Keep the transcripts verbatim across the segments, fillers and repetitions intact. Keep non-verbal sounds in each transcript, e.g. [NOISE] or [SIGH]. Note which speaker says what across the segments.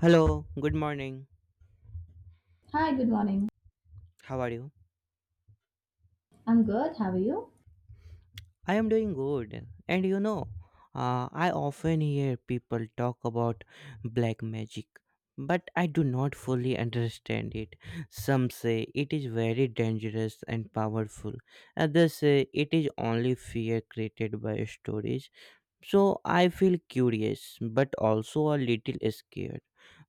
Speaker 1: Hello, good morning.
Speaker 2: Hi, good morning.
Speaker 1: How are you?
Speaker 2: I'm good. How are you?
Speaker 1: I am doing good. And you know, uh, I often hear people talk about black magic, but I do not fully understand it. Some say it is very dangerous and powerful, others say it is only fear created by stories. So I feel curious, but also a little scared.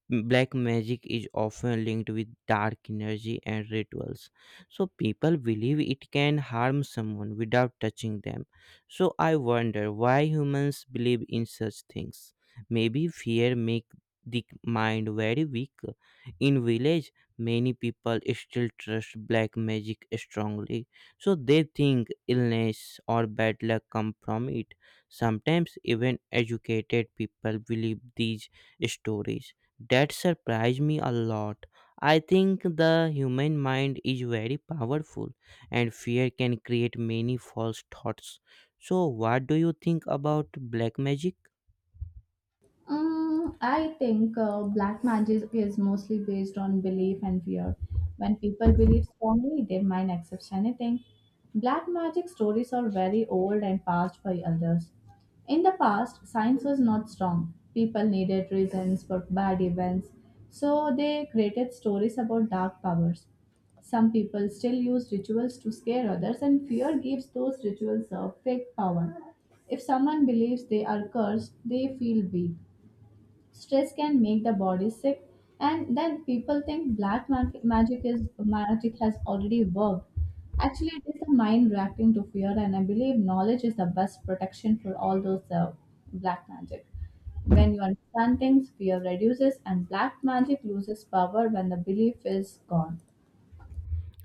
Speaker 1: Black magic is often linked with dark energy and rituals. So people believe it can harm someone without touching them. So I wonder why humans believe in such things. Maybe fear make the mind very weak. In village, many people still trust black magic strongly. So they think illness or bad luck come from it. Sometimes even educated people believe these stories that surprised me a lot. I think the human mind is very powerful and fear can create many false thoughts. So, what do you think about black magic?
Speaker 2: Mm, I think uh, black magic is mostly based on belief and fear. When people believe strongly, their mind accepts anything. Black magic stories are very old and passed by elders. In the past, science was not strong. People needed reasons for bad events, so they created stories about dark powers. Some people still use rituals to scare others, and fear gives those rituals a fake power. If someone believes they are cursed, they feel weak. Stress can make the body sick, and then people think black mag- magic is magic has already worked. Actually, it is the mind reacting to fear, and I believe knowledge is the best protection for all those uh, black magic. When you understand things, fear reduces, and black magic loses power when the belief is gone.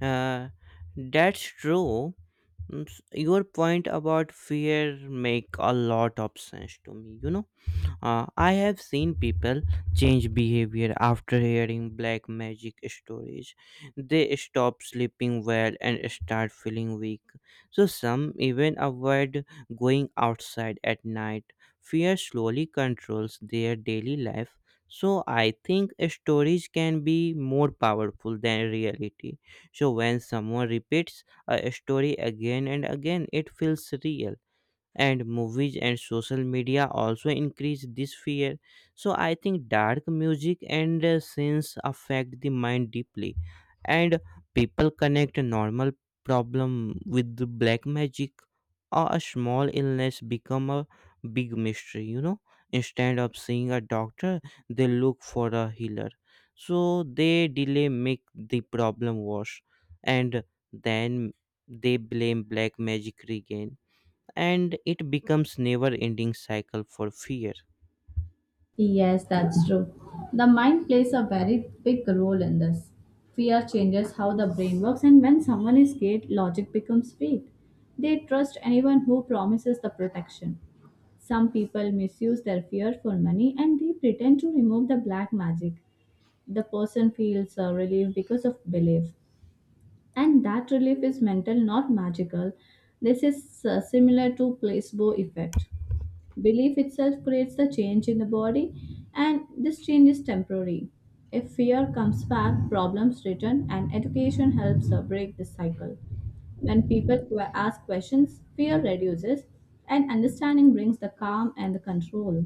Speaker 1: Uh, that's true. Mm, s- Your point about fear make a lot of sense to me, you know. Uh, I have seen people change behavior after hearing black magic stories. They stop sleeping well and start feeling weak. So, some even avoid going outside at night. Fear slowly controls their daily life. So, I think stories can be more powerful than reality. So, when someone repeats a story again and again, it feels real, and movies and social media also increase this fear. So I think dark music and uh, scenes affect the mind deeply, and people connect a normal problem with the black magic, or a small illness become a big mystery you know Instead of seeing a doctor, they look for a healer. So they delay, make the problem worse, and then they blame black magic again, and it becomes never ending cycle for fear.
Speaker 2: Yes, that's true. The mind plays a very big role in this. Fear changes how the brain works, and when someone is scared, logic becomes weak. They trust anyone who promises the protection. Some people misuse their fear for money and they pretend to remove the black magic. The person feels uh, relief because of belief, and that relief is mental, not magical. This is uh, similar to placebo effect. Belief itself creates the change in the body, and this change is temporary. If fear comes back, problems return, and education helps uh, break this cycle. When people que- ask questions, fear reduces, and understanding brings the calm and the control.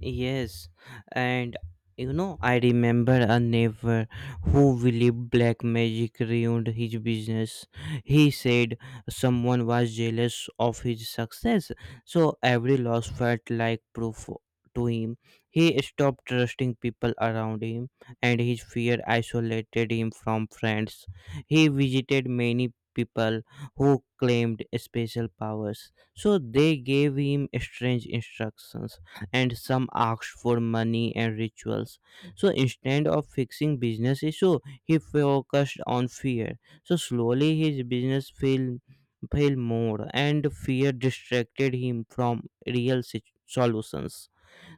Speaker 1: Yes, and you know, I remember a neighbor who believed black magic ruined his business. He said someone was jealous of his success, so every loss felt like proof to him. He stopped trusting people around him, and his fear isolated him from friends. He visited many people who claimed special powers, so they gave him strange instructions, and some asked for money and rituals. So instead of fixing business issue, he focused on fear. So slowly his business failed, failed more, and fear distracted him from real sit- solutions.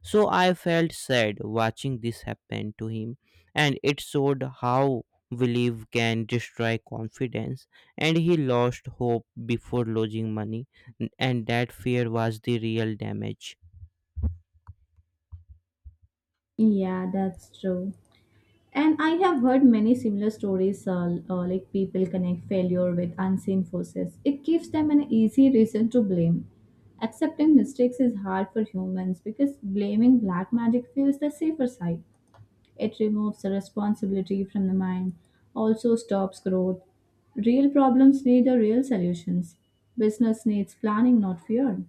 Speaker 1: So I felt sad watching this happen to him, and it showed how belief can destroy confidence, and he lost hope before losing money, and that fear was the real damage.
Speaker 2: Yeah, that's true. And I have heard many similar stories, uh, uh, like people connect failure with unseen forces. It gives them an easy reason to blame. Accepting mistakes is hard for humans because blaming black magic feels the safer side. It removes the responsibility from the mind, also stops growth. Real problems need the real solutions. Business needs planning, not fear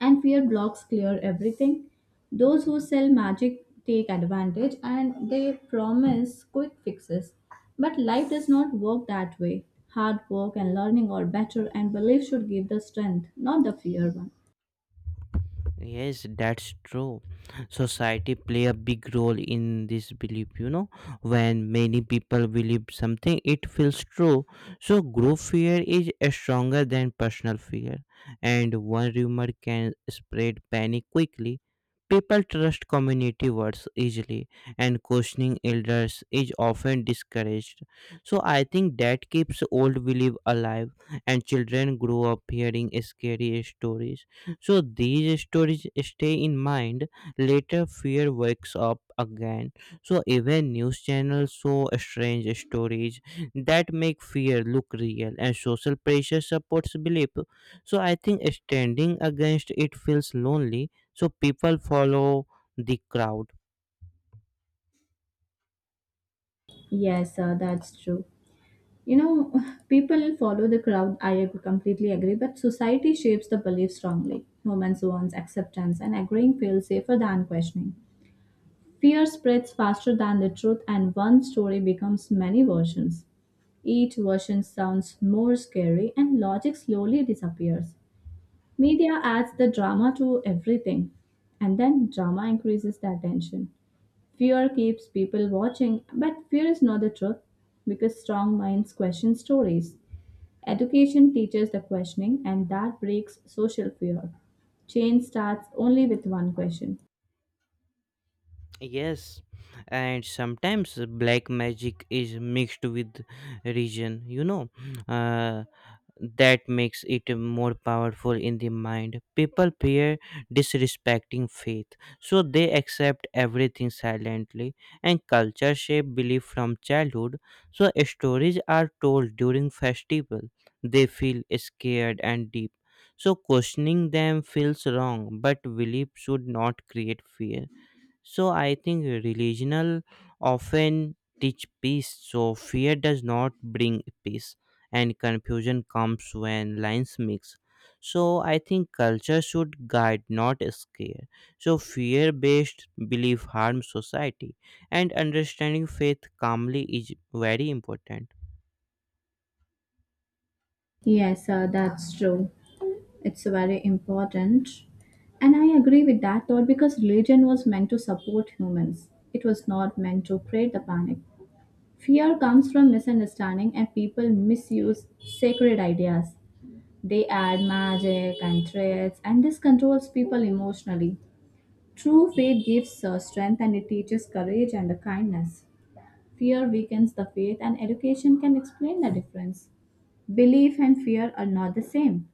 Speaker 2: and fear blocks clear everything. Those who sell magic take advantage and they promise quick fixes. But life does not work that way. Hard work and learning are better, and belief should give the strength, not the fear one.
Speaker 1: Yes, that's true. Society play a big role in this belief, you know. When many people believe something, it feels true. So group fear is uh, stronger than personal fear, and one rumor can spread panic quickly. People trust community words easily, and questioning elders is often discouraged. So I think that keeps old belief alive, and children grow up hearing scary stories, so these stories stay in mind. Later, fear wakes up again. So even news channels show strange stories that make fear look real, and social pressure supports belief. So I think standing against it feels lonely. So people follow the crowd.
Speaker 2: Yes, sir, that's true. You know, [LAUGHS] people follow the crowd, I ag- completely agree, but society shapes the belief strongly. Moments wants acceptance, and agreeing feels safer than questioning. Fear spreads faster than the truth, and one story becomes many versions. Each version sounds more scary and logic slowly disappears. Media adds the drama to everything, and then drama increases the attention. Fear keeps people watching, but fear is not the truth because strong minds question stories. Education teaches the questioning, and that breaks social fear. Change starts only with one question.
Speaker 1: Yes, and sometimes black magic is mixed with religion. You know, uh, that makes it more powerful in the mind. People fear disrespecting faith, so they accept everything silently, and culture shape belief from childhood. So stories are told during festival. They feel scared and deep. So questioning them feels wrong, but belief should not create fear. So I think religional often teach peace. So fear does not bring peace, and confusion comes when lines mix. So I think culture should guide, not scare. So fear-based belief harms society, and understanding faith calmly is very important.
Speaker 2: Yes, sir, that's true. It's very important. And I agree with that thought because religion was meant to support humans. It was not meant to create the panic. Fear comes from misunderstanding, and people misuse sacred ideas. They add magic and threats, and this controls people emotionally. True faith gives uh, strength and it teaches courage and kindness. Fear weakens the faith, and education can explain the difference. Belief and fear are not the same.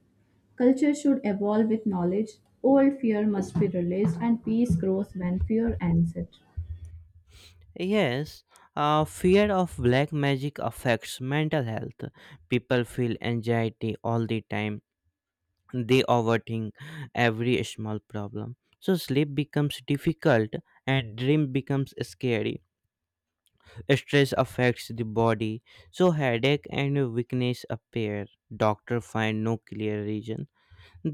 Speaker 2: Culture should evolve with knowledge. Old fear must be released, and peace grows when fear ends it.
Speaker 1: Yes, uh, fear of black magic affects mental health. People feel anxiety all the time, they overthink every small problem, so sleep becomes difficult and dream becomes scary. Stress affects the body, so headache and weakness appear. Doctor find no clear reason,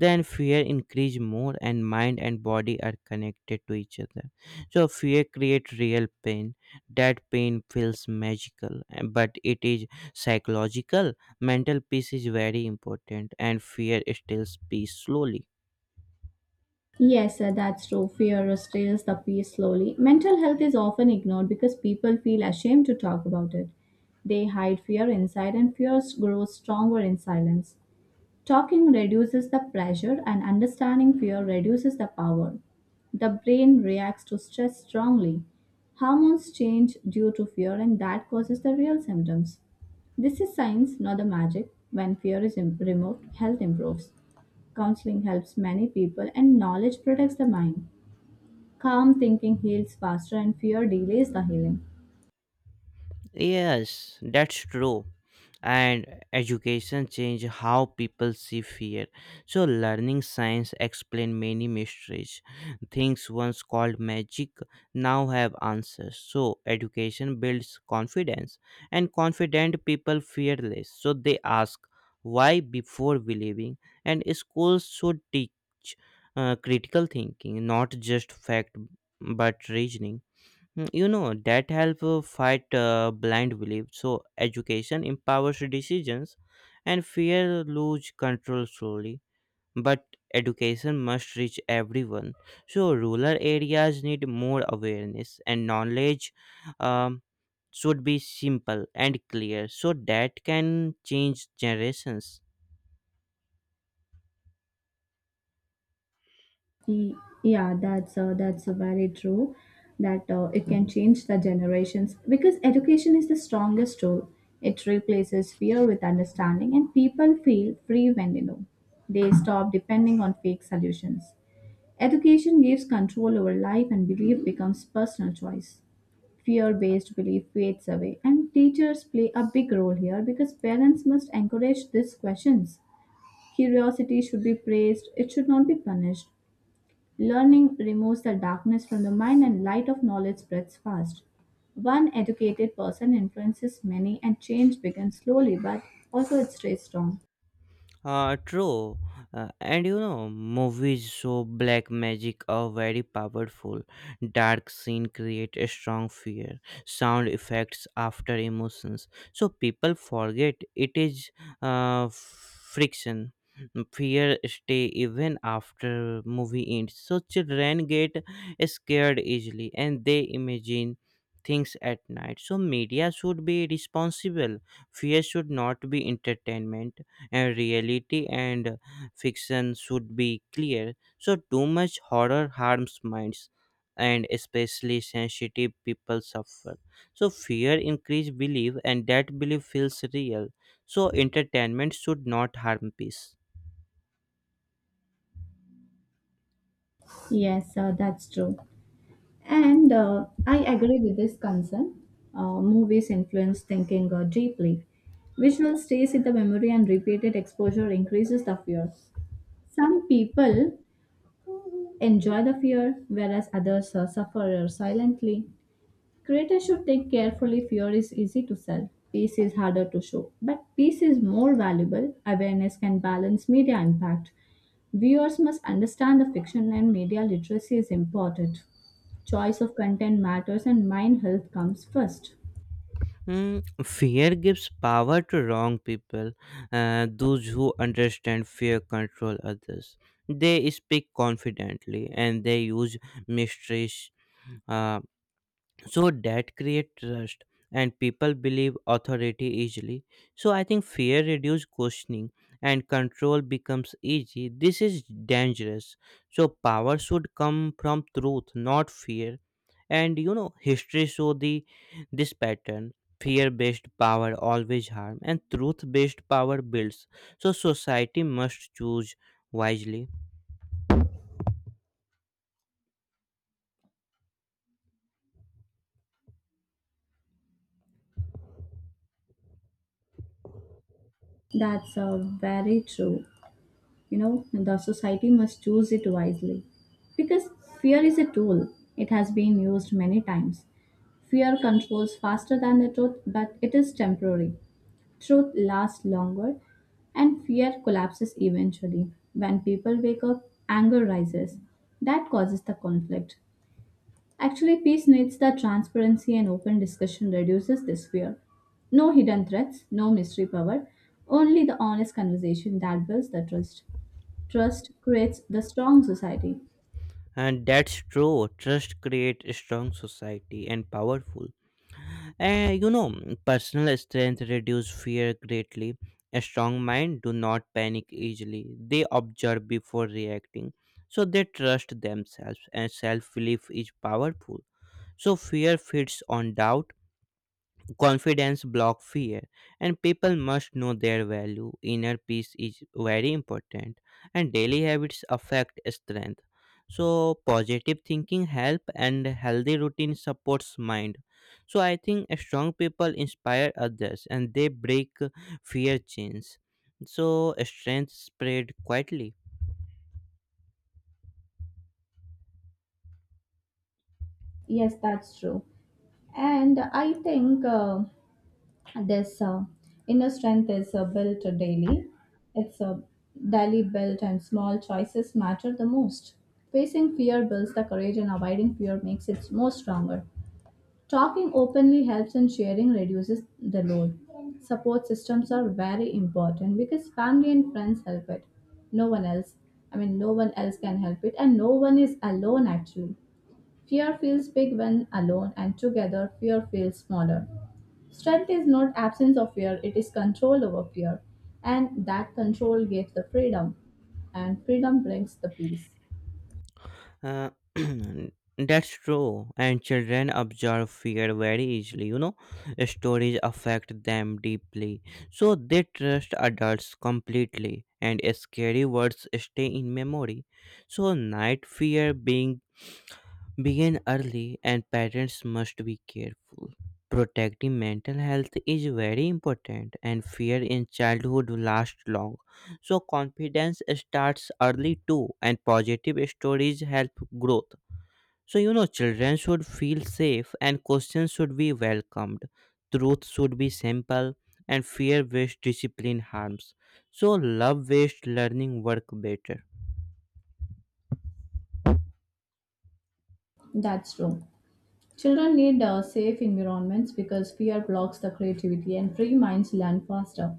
Speaker 1: then fear increase more, and mind and body are connected to each other. So fear create real pain. That pain feels magical, eh, but it is psychological. Mental peace is very important, and fear steals peace slowly.
Speaker 2: Yes, sir, that's true. Fear restores the peace slowly. Mental health is often ignored because people feel ashamed to talk about it. They hide fear inside, and fears grows stronger in silence. Talking reduces the pressure, and understanding fear reduces the power. The brain reacts to stress strongly. Hormones change due to fear, and that causes the real symptoms. This is science, not the magic. When fear is im- removed, health improves. Counseling helps many people, and knowledge protects the mind. Calm thinking heals faster, and fear delays the healing.
Speaker 1: Yes, that's true. And education change how people see fear. So learning science explain many mysteries. Things once called magic now have answers. So education builds confidence, and confident people fearless. So they ask why before believing, and schools should teach uh, critical thinking, not just fact but reasoning. Mm, You know, that help uh, fight uh, blind belief. So education empowers decisions, and fear lose control slowly. But education must reach everyone. So rural areas need more awareness, and knowledge um, should be simple and clear so that can change generations.
Speaker 2: Ye- Yeah, that's uh, that's uh, very true. That uh, It can change the generations because education is the strongest tool. It replaces fear with understanding, and people feel free when they know. They stop depending on fake solutions. Education gives control over life, and belief becomes personal choice. Fear-based belief fades away, and teachers play a big role here because parents must encourage these questions. Curiosity should be praised; it should not be punished. Learning removes the darkness from the mind and light of knowledge spreads fast. One educated person influences many and change begins slowly but also it stays strong.
Speaker 1: Uh, true. Uh, and you know, movies show black magic are very powerful. Dark scene create a strong fear, sound effects after emotions. So people forget it is uh, friction. Fear stay even after movie ends. So children get scared easily, and they imagine things at night. So media should be responsible. Fear should not be entertainment, and reality and fiction should be clear. So too much horror harms minds, and especially sensitive people suffer. So fear increase belief, and that belief feels real. So entertainment should not harm peace.
Speaker 2: Yes, uh, that's true. And uh, I agree with this concern. Uh, movies influence thinking uh, deeply. Visual stays in the memory and repeated exposure increases the fear. Some people enjoy the fear, whereas others uh, suffer silently. Creators should think carefully fear is easy to sell, peace is harder to show. But peace is more valuable, awareness can balance media impact. Viewers must understand the fiction and media literacy is important. Choice of content matters and mind health comes first.
Speaker 1: Mm, fear gives power to wrong people. Uh, those who understand fear control others. They speak confidently, and they use mistress. Uh, so that create trust, and people believe authority easily. So I think fear reduce questioning, and control becomes easy. This is dangerous. So power should come from truth, not fear. And you know, history show the this pattern. Fear based power always harm, and truth based power builds. So society must choose wisely,
Speaker 2: That's uh, very true. You know, the society must choose it wisely. Because fear is a tool, it has been used many times. Fear controls faster than the truth, but it is temporary. Truth lasts longer, and fear collapses eventually. When people wake up, anger rises. That causes the conflict. Actually, peace needs the transparency and open discussion reduces this fear. No hidden threats, no mystery power, only the honest conversation that builds the trust. Trust creates the strong society.
Speaker 1: and that's true, trust create a strong society and powerful. Uh, you know, mm, personal strength reduce fear greatly. A strong mind do not panic easily. They observe before reacting. So they trust themselves, and self-belief is powerful. So fear feeds on doubt, confidence block fear, and people must know their value. Inner peace is very important, and daily habits affect strength. So positive thinking help, and healthy routine supports mind. So I think strong people inspire others, and they break fear chains. So strength spread quietly.
Speaker 2: Yes, that's true. And I think uh, this uh, inner strength is uh, built daily. It's uh, Daily built, and small choices matter the most. Facing fear builds the courage, and avoiding fear makes it more stronger. Talking openly helps, and sharing reduces the load. Support systems are very important because family and friends help it. No one else, I mean, no one else can help it, and no one is alone actually. Fear feels big when alone, and together, fear feels smaller. Strength is not absence of fear, it is control over fear. And that control gives the freedom, and freedom brings the peace.
Speaker 1: Uh, [CLEARS THROAT] that's true. And children absorb fear very easily, you know. Stories affect them deeply. So they trust adults completely, and scary words stay in memory. So night fear being begin early, and parents must be careful. Protecting mental health is very important, and fear in childhood lasts long. So confidence starts early too, and positive stories help growth. So, you know, children should feel safe, and questions should be welcomed. Truth should be simple, and fear based discipline harms. So, love based learning work better.
Speaker 2: That's true. Children need uh, safe environments because fear blocks the creativity and free minds learn faster.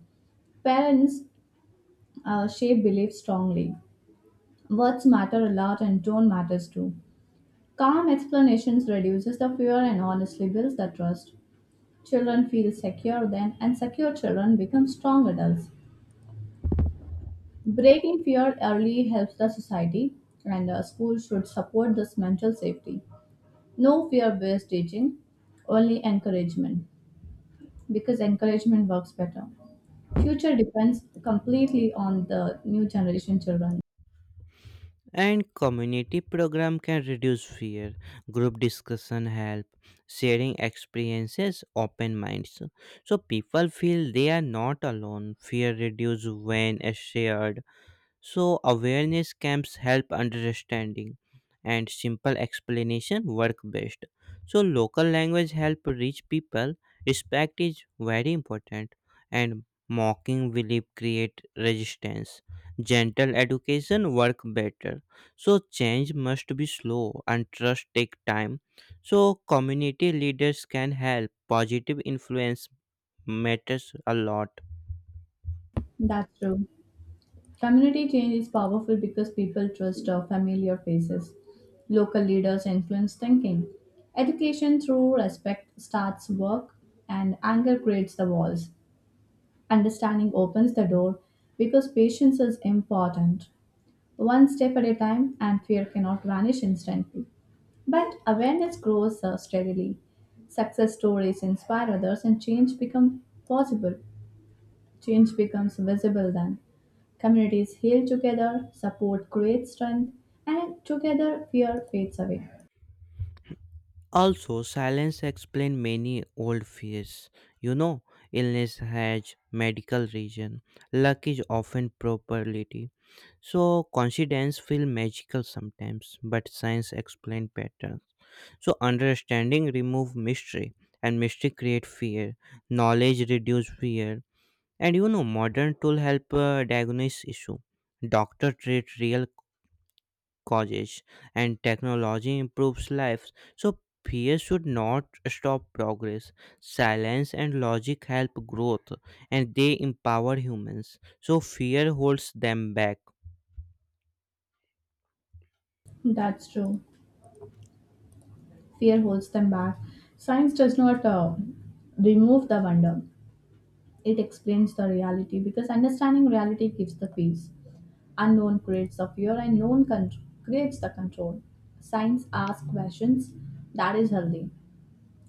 Speaker 2: Parents uh, shape beliefs strongly. Words matter a lot and tone matters too. Calm explanations reduces the fear and honestly builds the trust. Children feel secure then and secure children become strong adults. Breaking fear early helps the society, and uh, schools should support this mental safety. No fear based teaching, only encouragement, because encouragement works better. Future depends completely on the new generation children.
Speaker 1: And community program can reduce fear. Group discussion help. Sharing experiences open minds. So people feel they are not alone. Fear reduce when shared. So, awareness camps help understanding, and simple explanation work best. So, local language help reach people. Respect is very important, and mocking will create resistance. Gentle education work better. So, change must be slow, and trust take time. So, community leaders can help. Positive influence matters a lot.
Speaker 2: That's true. Community change is powerful because people trust uh, familiar faces. Local leaders influence thinking. Education through respect starts work, and anger creates the walls. Understanding opens the door because patience is important. One step at a time, and fear cannot vanish instantly. But awareness grows uh, steadily. Success stories inspire others, and change becomes possible. Change becomes visible then. Communities heal together, support creates strength, and together fear fades away.
Speaker 1: Also, silence explains many old fears. You know, illness has medical reason. Luck is often probability. So, coincidence feel magical sometimes, but science explains patterns. So, understanding remove mystery, and mystery create fear. Knowledge reduce fear, and you know, modern tool help uh, diagnose issue. Doctor treat real causes, and technology improves lives, so fear should not stop progress. Silence and logic help growth, and they empower humans, so fear holds them back.
Speaker 2: That's true. Fear holds them back. Science does not uh, remove the wonder, it explains the reality because understanding reality gives the peace. Unknown creates the fear and known con- creates the control. Science asks questions that is healthy.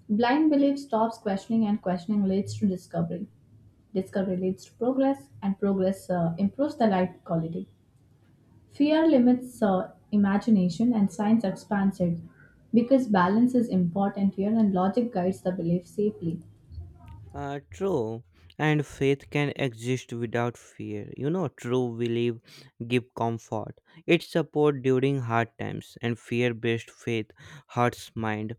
Speaker 2: Blind belief stops questioning and questioning leads to discovery. Discovery leads to progress and progress uh, improves the life quality. Fear limits uh, imagination and science expands it because balance is important here and logic guides the belief safely.
Speaker 1: uh, True. And faith can exist without fear, you know. True belief give comfort, it support during hard times, and fear based faith hurts mind.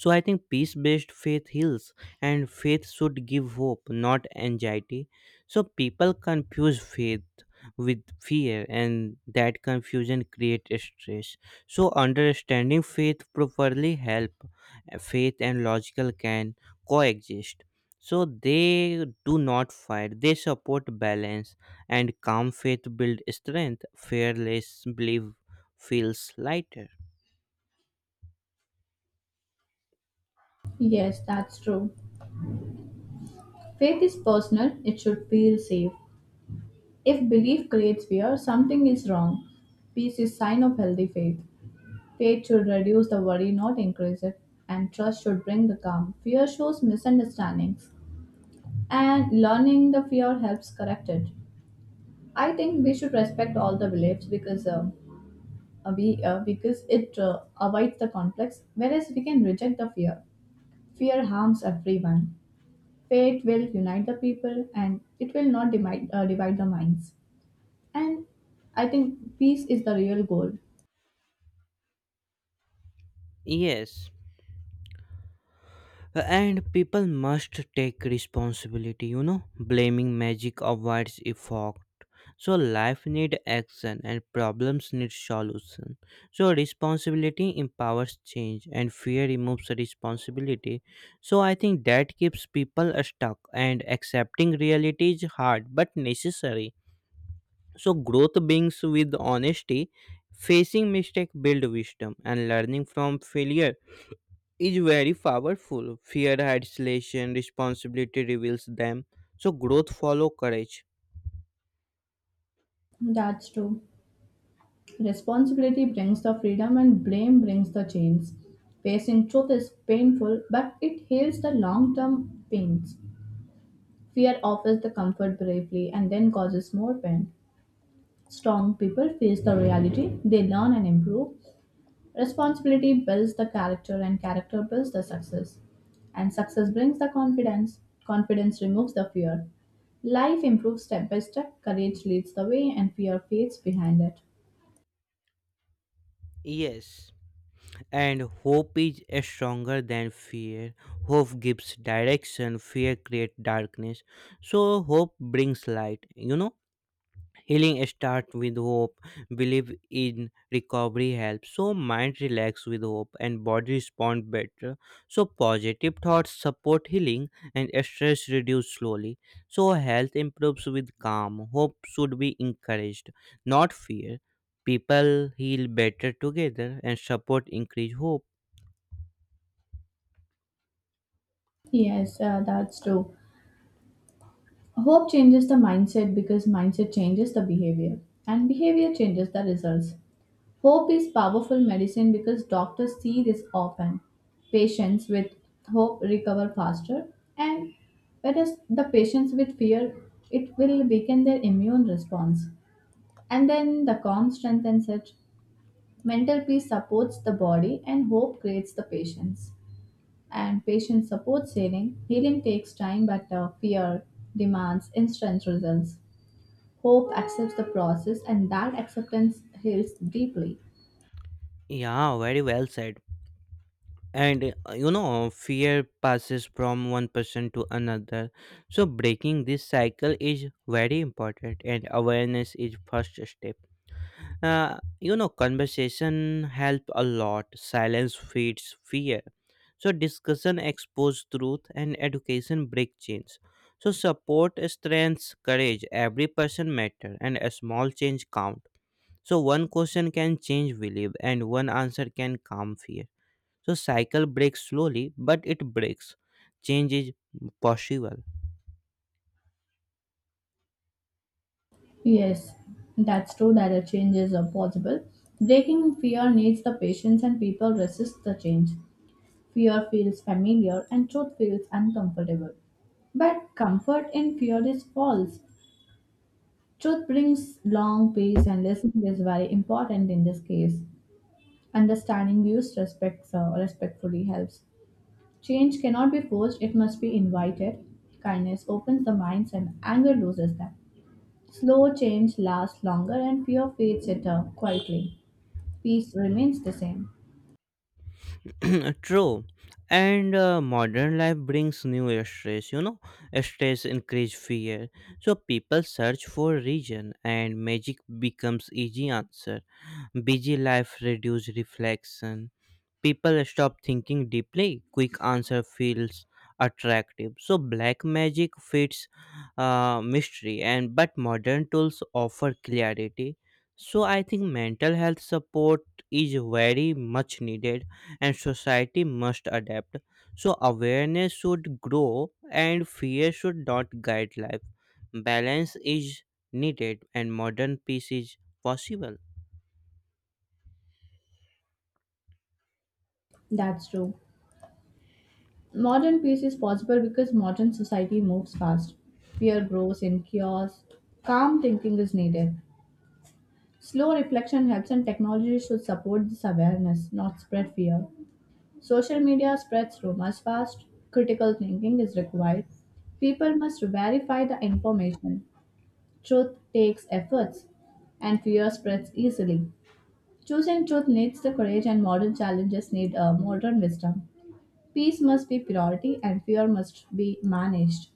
Speaker 1: So I think peace based faith heals, and faith should give hope, not anxiety. So people confuse faith with fear, and that confusion creates stress. So understanding faith properly help, uh, faith and logical can coexist. So they do not fight; they support balance, and calm faith build strength. Fearless belief feels lighter.
Speaker 2: Yes, that's true. Faith is personal, it should feel safe. If belief creates fear, something is wrong. Peace is sign of healthy faith. Faith should reduce the worry, not increase it, and trust should bring the calm. Fear shows misunderstandings, and learning the fear helps correct it. I think we should respect all the beliefs because uh, uh, we uh, because it uh, avoids the conflicts, whereas we can reject the fear. Fear harms everyone. Faith will unite the people, and it will not divide uh, divide the minds. And I think peace is the real goal.
Speaker 1: Yes. And people must take responsibility, you know. Blaming magic avoids effect. So life need action, and problems need solution. So responsibility empowers change, and fear removes responsibility. So I think that keeps people stuck, and accepting reality is hard but necessary. So growth begins with honesty, facing mistake build wisdom, and learning from failure is very powerful. Fear isolation, responsibility reveals them. So growth follow courage.
Speaker 2: That's true. Responsibility brings the freedom and blame brings the chains. Facing truth is painful, but it heals the long term pains. Fear offers the comfort bravely and then causes more pain. Strong people face the reality, they learn and improve, responsibility builds the character, and character builds the success. And success brings the confidence. Confidence removes the fear. Life improves step by step. Courage leads the way, and fear fades behind it.
Speaker 1: Yes. And hope is stronger than fear. Hope gives direction, fear creates darkness. So hope brings light, you know. Healing starts with hope. Believe in recovery helps. So mind relax with hope, and body respond better. So positive thoughts support healing, and stress reduce slowly. So health improves with calm. Hope should be encouraged, not fear. People heal better together, and support increase hope.
Speaker 2: Yes, uh, that's true. Hope changes the mindset because mindset changes the behavior, and behavior changes the results. Hope is powerful medicine because doctors see this often. Patients with hope recover faster, and whereas the patients with fear, it will weaken their immune response. And then the calm strengthens it. Mental peace supports the body, and hope creates the patience. And patience supports healing. Healing takes time, but uh, fear demands instant results. Hope accepts the process, and that acceptance heals deeply.
Speaker 1: Yeah, very well said. and uh, you know fear passes from one person to another, so breaking this cycle is very important, and awareness is first step. uh, you know conversation help a lot, silence feeds fear. So discussion expose truth and education break chains. So support strengths courage, every person matter and a small change count. So one question can change belief and one answer can calm fear. So cycle breaks slowly, but it breaks. Change is possible.
Speaker 2: Yes, that's true that a change is uh, possible. Breaking fear needs the patience and people resist the change. Fear feels familiar and truth feels uncomfortable. But comfort in fear is false. Truth brings long peace and listening is very important in this case. Understanding views respects, uh, respectfully helps. Change cannot be forced, it must be invited. Kindness opens the minds and anger loses them. Slow change lasts longer and fear fades it uh, quietly. Peace remains the same.
Speaker 1: [CLEARS THROAT] True. And uh, Modern life brings new stress, you know. Stress increase fear. So people search for reason and magic becomes easy answer. Busy life reduce reflection. People stop thinking deeply, quick answer feels attractive, so black magic fits uh, mystery and but modern tools offer clarity. So I think mental health support is very much needed and society must adapt. So awareness should grow and fear should not guide life, balance is needed and modern peace is possible.
Speaker 2: That's true. Modern peace is possible because modern society moves fast. Fear grows in chaos. Calm thinking is needed. Slow reflection helps, and technology should support this awareness, not spread fear. Social media spreads rumors fast. Critical thinking is required. People must verify the information. Truth takes efforts, and fear spreads easily. Choosing truth needs the courage, and modern challenges need a modern wisdom. Peace must be priority, and fear must be managed.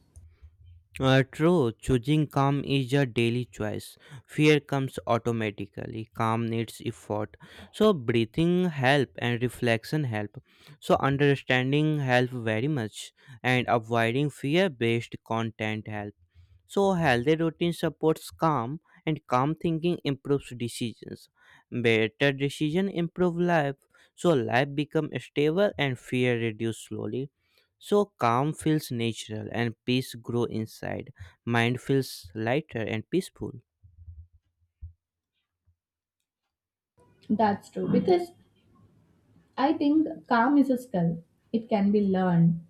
Speaker 1: Uh, true, choosing calm is a daily choice. Fear comes automatically. Calm needs effort. So breathing help and reflection help. So understanding help very much and avoiding fear-based content help. So healthy routine supports calm, and calm thinking improves decisions. Better decision improve life. So life become stable and fear reduce slowly. So calm feels natural and peace grow inside. Mind feels lighter and peaceful.
Speaker 2: That's true because I think calm is a skill. It can be learned.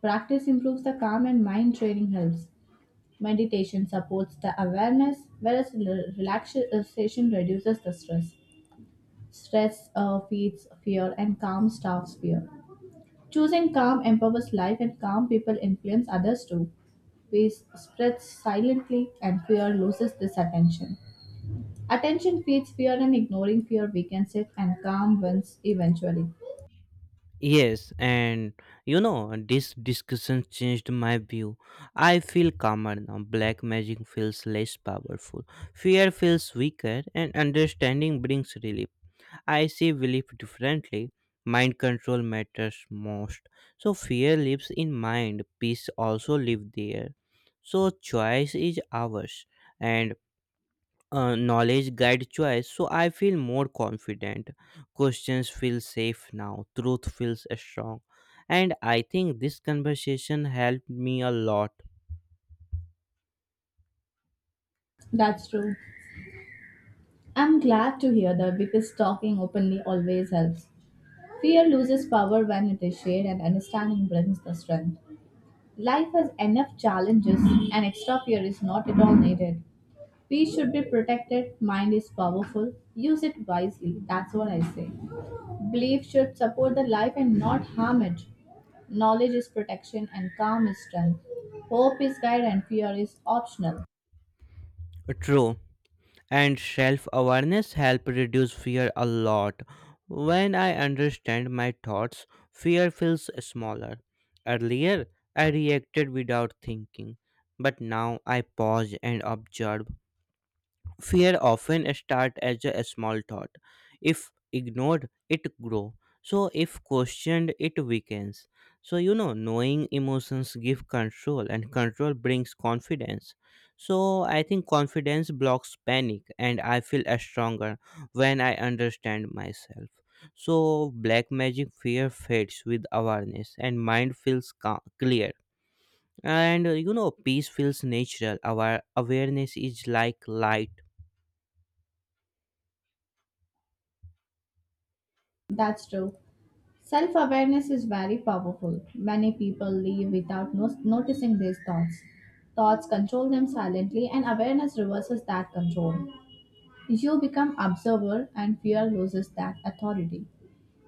Speaker 2: Practice improves the calm, and mind training helps. Meditation supports the awareness, whereas rel- relaxation reduces the stress. Stress uh, feeds fear, and calm starves fear. Choosing calm empowers life, and calm people influence others too. Fear spreads silently, and fear loses this attention. Attention feeds fear, and ignoring fear weakens it, and calm wins eventually.
Speaker 1: Yes, and you know, this discussion changed my view. I feel calmer now. Black magic feels less powerful. Fear feels weaker, and understanding brings relief. I see belief differently. Mind control matters most. So fear lives in mind, peace also lives there. So choice is ours and uh, knowledge guide choice. So I feel more confident. Questions feel safe now. Truth feels strong. And I think this conversation helped me a lot.
Speaker 2: That's true. I'm glad to hear that because talking openly always helps. Fear loses power when it is shared, and understanding brings the strength. Life has enough challenges, and extra fear is not at all needed. Peace should be protected. Mind is powerful. Use it wisely. That's what I say. Belief should support the life and not harm it. Knowledge is protection and calm is strength. Hope is guide and fear is optional.
Speaker 1: True. And self awareness help reduce fear a lot. When I understand my thoughts, fear feels smaller. Earlier, I reacted without thinking, but now I pause and observe. Fear often starts as a small thought, if ignored it grows, so if questioned it weakens. So you know knowing emotions give control and control brings confidence. So I think confidence blocks panic and I feel uh, stronger when I understand myself. So black magic fear fades with awareness and mind feels ca- clear. And uh, you know peace feels natural, our awareness is like light.
Speaker 2: That's true. Self awareness is very powerful. Many people live without no- noticing these thoughts. Thoughts control them silently, and awareness reverses that control. You become observer, and fear loses that authority.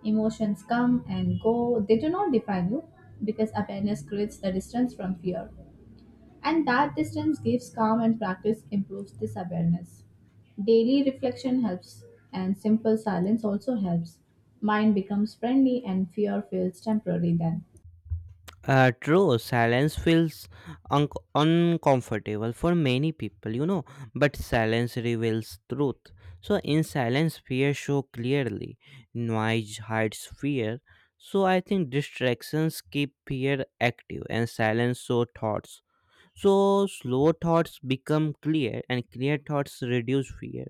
Speaker 2: Emotions come and go, they do not define you because awareness creates the distance from fear. And that distance gives calm, and practice improves this awareness. Daily reflection helps, and simple silence also helps. Mind becomes friendly, and fear feels temporary then.
Speaker 1: Uh, true, silence feels un- uncomfortable for many people, you know, but silence reveals truth. So in silence, fear shows clearly, noise hides fear. So I think distractions keep fear active, and silence shows thoughts. So slow thoughts become clear and clear thoughts reduce fear.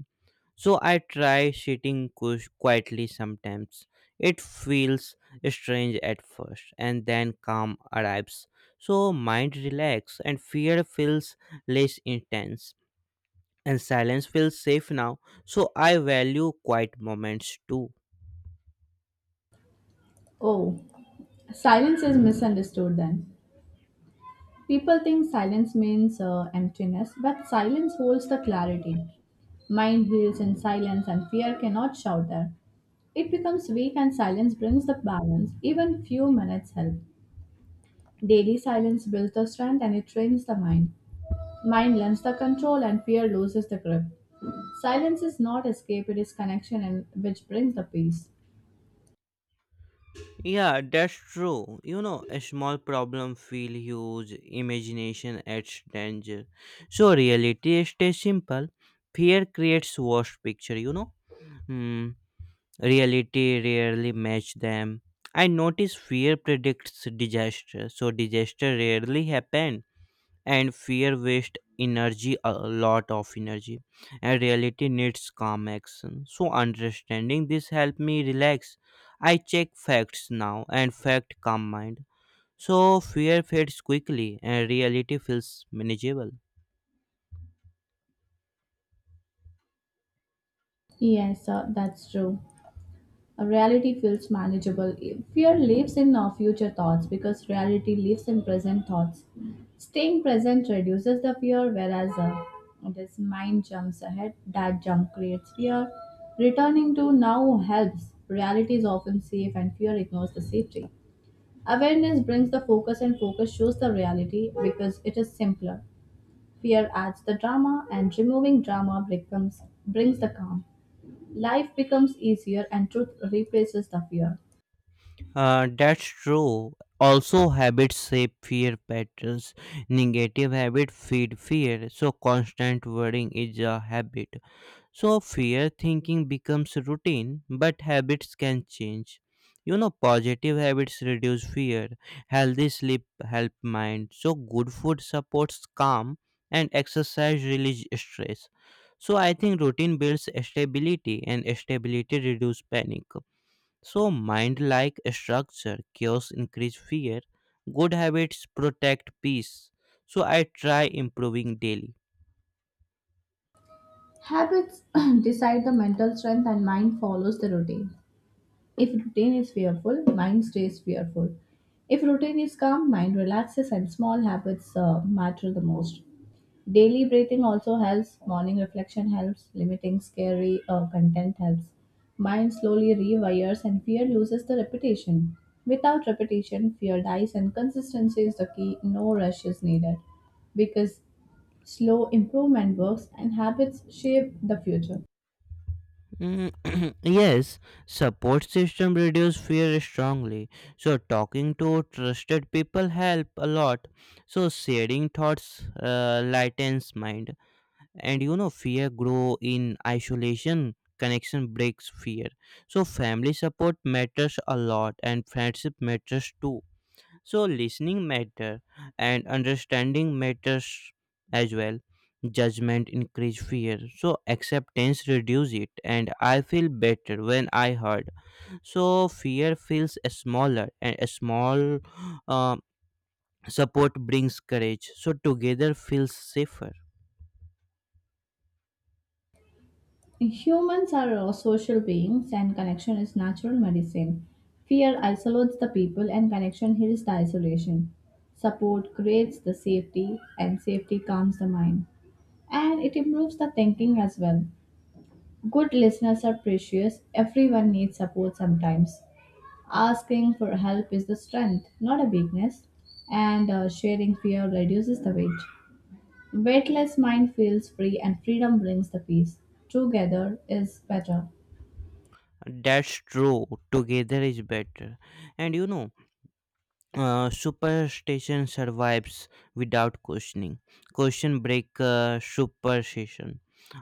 Speaker 1: So I try sitting cush- quietly sometimes. It feels strange at first and then calm arrives. So mind relax and fear feels less intense, and silence feels safe now. So I value quiet moments too.
Speaker 2: Oh, silence is misunderstood then. People think silence means uh, emptiness, but silence holds the clarity. Mind heals in silence, and fear cannot shout there. It becomes weak, and silence brings the balance. Even few minutes help. Daily silence builds the strength and it trains the mind. Mind lends the control, and fear loses the grip. Silence is not escape, it is connection, and which brings the peace.
Speaker 1: Yeah, that's true. You know, a small problem feel huge, imagination adds danger. So reality stays simple. Fear creates worst picture, you know. Hmm. Reality rarely match them. I notice fear predicts disaster, so disaster rarely happen and fear waste energy, a lot of energy, and reality needs calm action. So understanding this help me relax, I check facts now and fact calm mind. So fear fades quickly and reality feels manageable.
Speaker 2: Yes, sir, that's true. Reality feels manageable. Fear lives in our future thoughts because reality lives in present thoughts. Staying present reduces the fear, whereas uh, this mind jumps ahead. That jump creates fear. Returning to now helps. Reality is often safe, and fear ignores the safety. Awareness brings the focus, and focus shows the reality because it is simpler. Fear adds the drama, and removing drama becomes, brings the calm. Life becomes easier, and truth replaces the fear.
Speaker 1: Uh, that's true, also habits shape fear patterns. Negative habits feed fear, so constant worrying is a habit. So fear thinking becomes routine, but habits can change. You know, positive habits reduce fear, healthy sleep help mind, so good food supports calm, and exercise relieves stress. So I think routine builds stability, and stability reduces panic. So mind-like structure, chaos increase fear. Good habits protect peace. So I try improving daily.
Speaker 2: Habits [CLEARS THROAT] decide the mental strength, and mind follows the routine. If routine is fearful, mind stays fearful. If routine is calm, mind relaxes and small habits uh, matter the most. Daily breathing also helps, morning reflection helps, limiting scary uh, content helps. Mind slowly rewires and fear loses the repetition. Without repetition, fear dies and consistency is the key, no rush is needed because slow improvement works and habits shape the future.
Speaker 1: Mm. [CLEARS THROAT] Yes, support system reduce fear strongly. So talking to trusted people help a lot. So sharing thoughts uh, lightens mind, and you know fear grow in isolation. Connection breaks fear. So family support matters a lot, and friendship matters too. So listening matter and understanding matters as well. Judgment increase fear, so acceptance reduce it, and I feel better when I heard. So fear feels smaller and a small uh, support brings courage, so together feels safer.
Speaker 2: Humans are uh, social beings and connection is natural medicine. Fear isolates the people and connection heals the isolation. Support creates the safety and safety calms the mind. And it improves the thinking as well. Good listeners are precious. Everyone needs support sometimes. Asking for help is the strength, not a weakness. And uh, sharing fear reduces the weight. Weightless mind feels free and freedom brings the peace. Together is better.
Speaker 1: That's true, together is better. And you know uh, superstition survives without questioning. Question breaker superstition.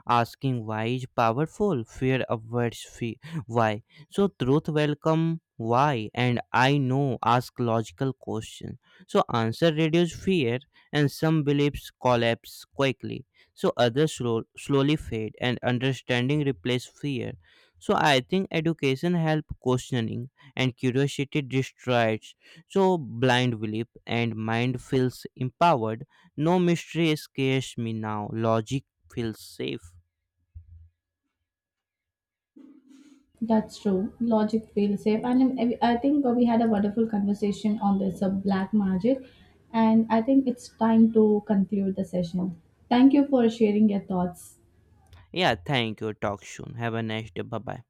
Speaker 1: Asking why is powerful. Fear avoids fe- why. So truth welcome why and I know ask logical question. So answer reduce fear and some beliefs collapse quickly. So others slow, slowly fade and understanding replace fear. So I think education help questioning and curiosity destroys so blind belief, and mind feels empowered. No mystery scares me now. Logic feels safe.
Speaker 2: That's true. Logic feels safe. And um, I I think uh, we had a wonderful conversation on this uh, black magic. And I think it's time to conclude the session. Thank you for sharing your thoughts.
Speaker 1: Yeah, thank you. Talk soon. Have a nice day. Bye bye.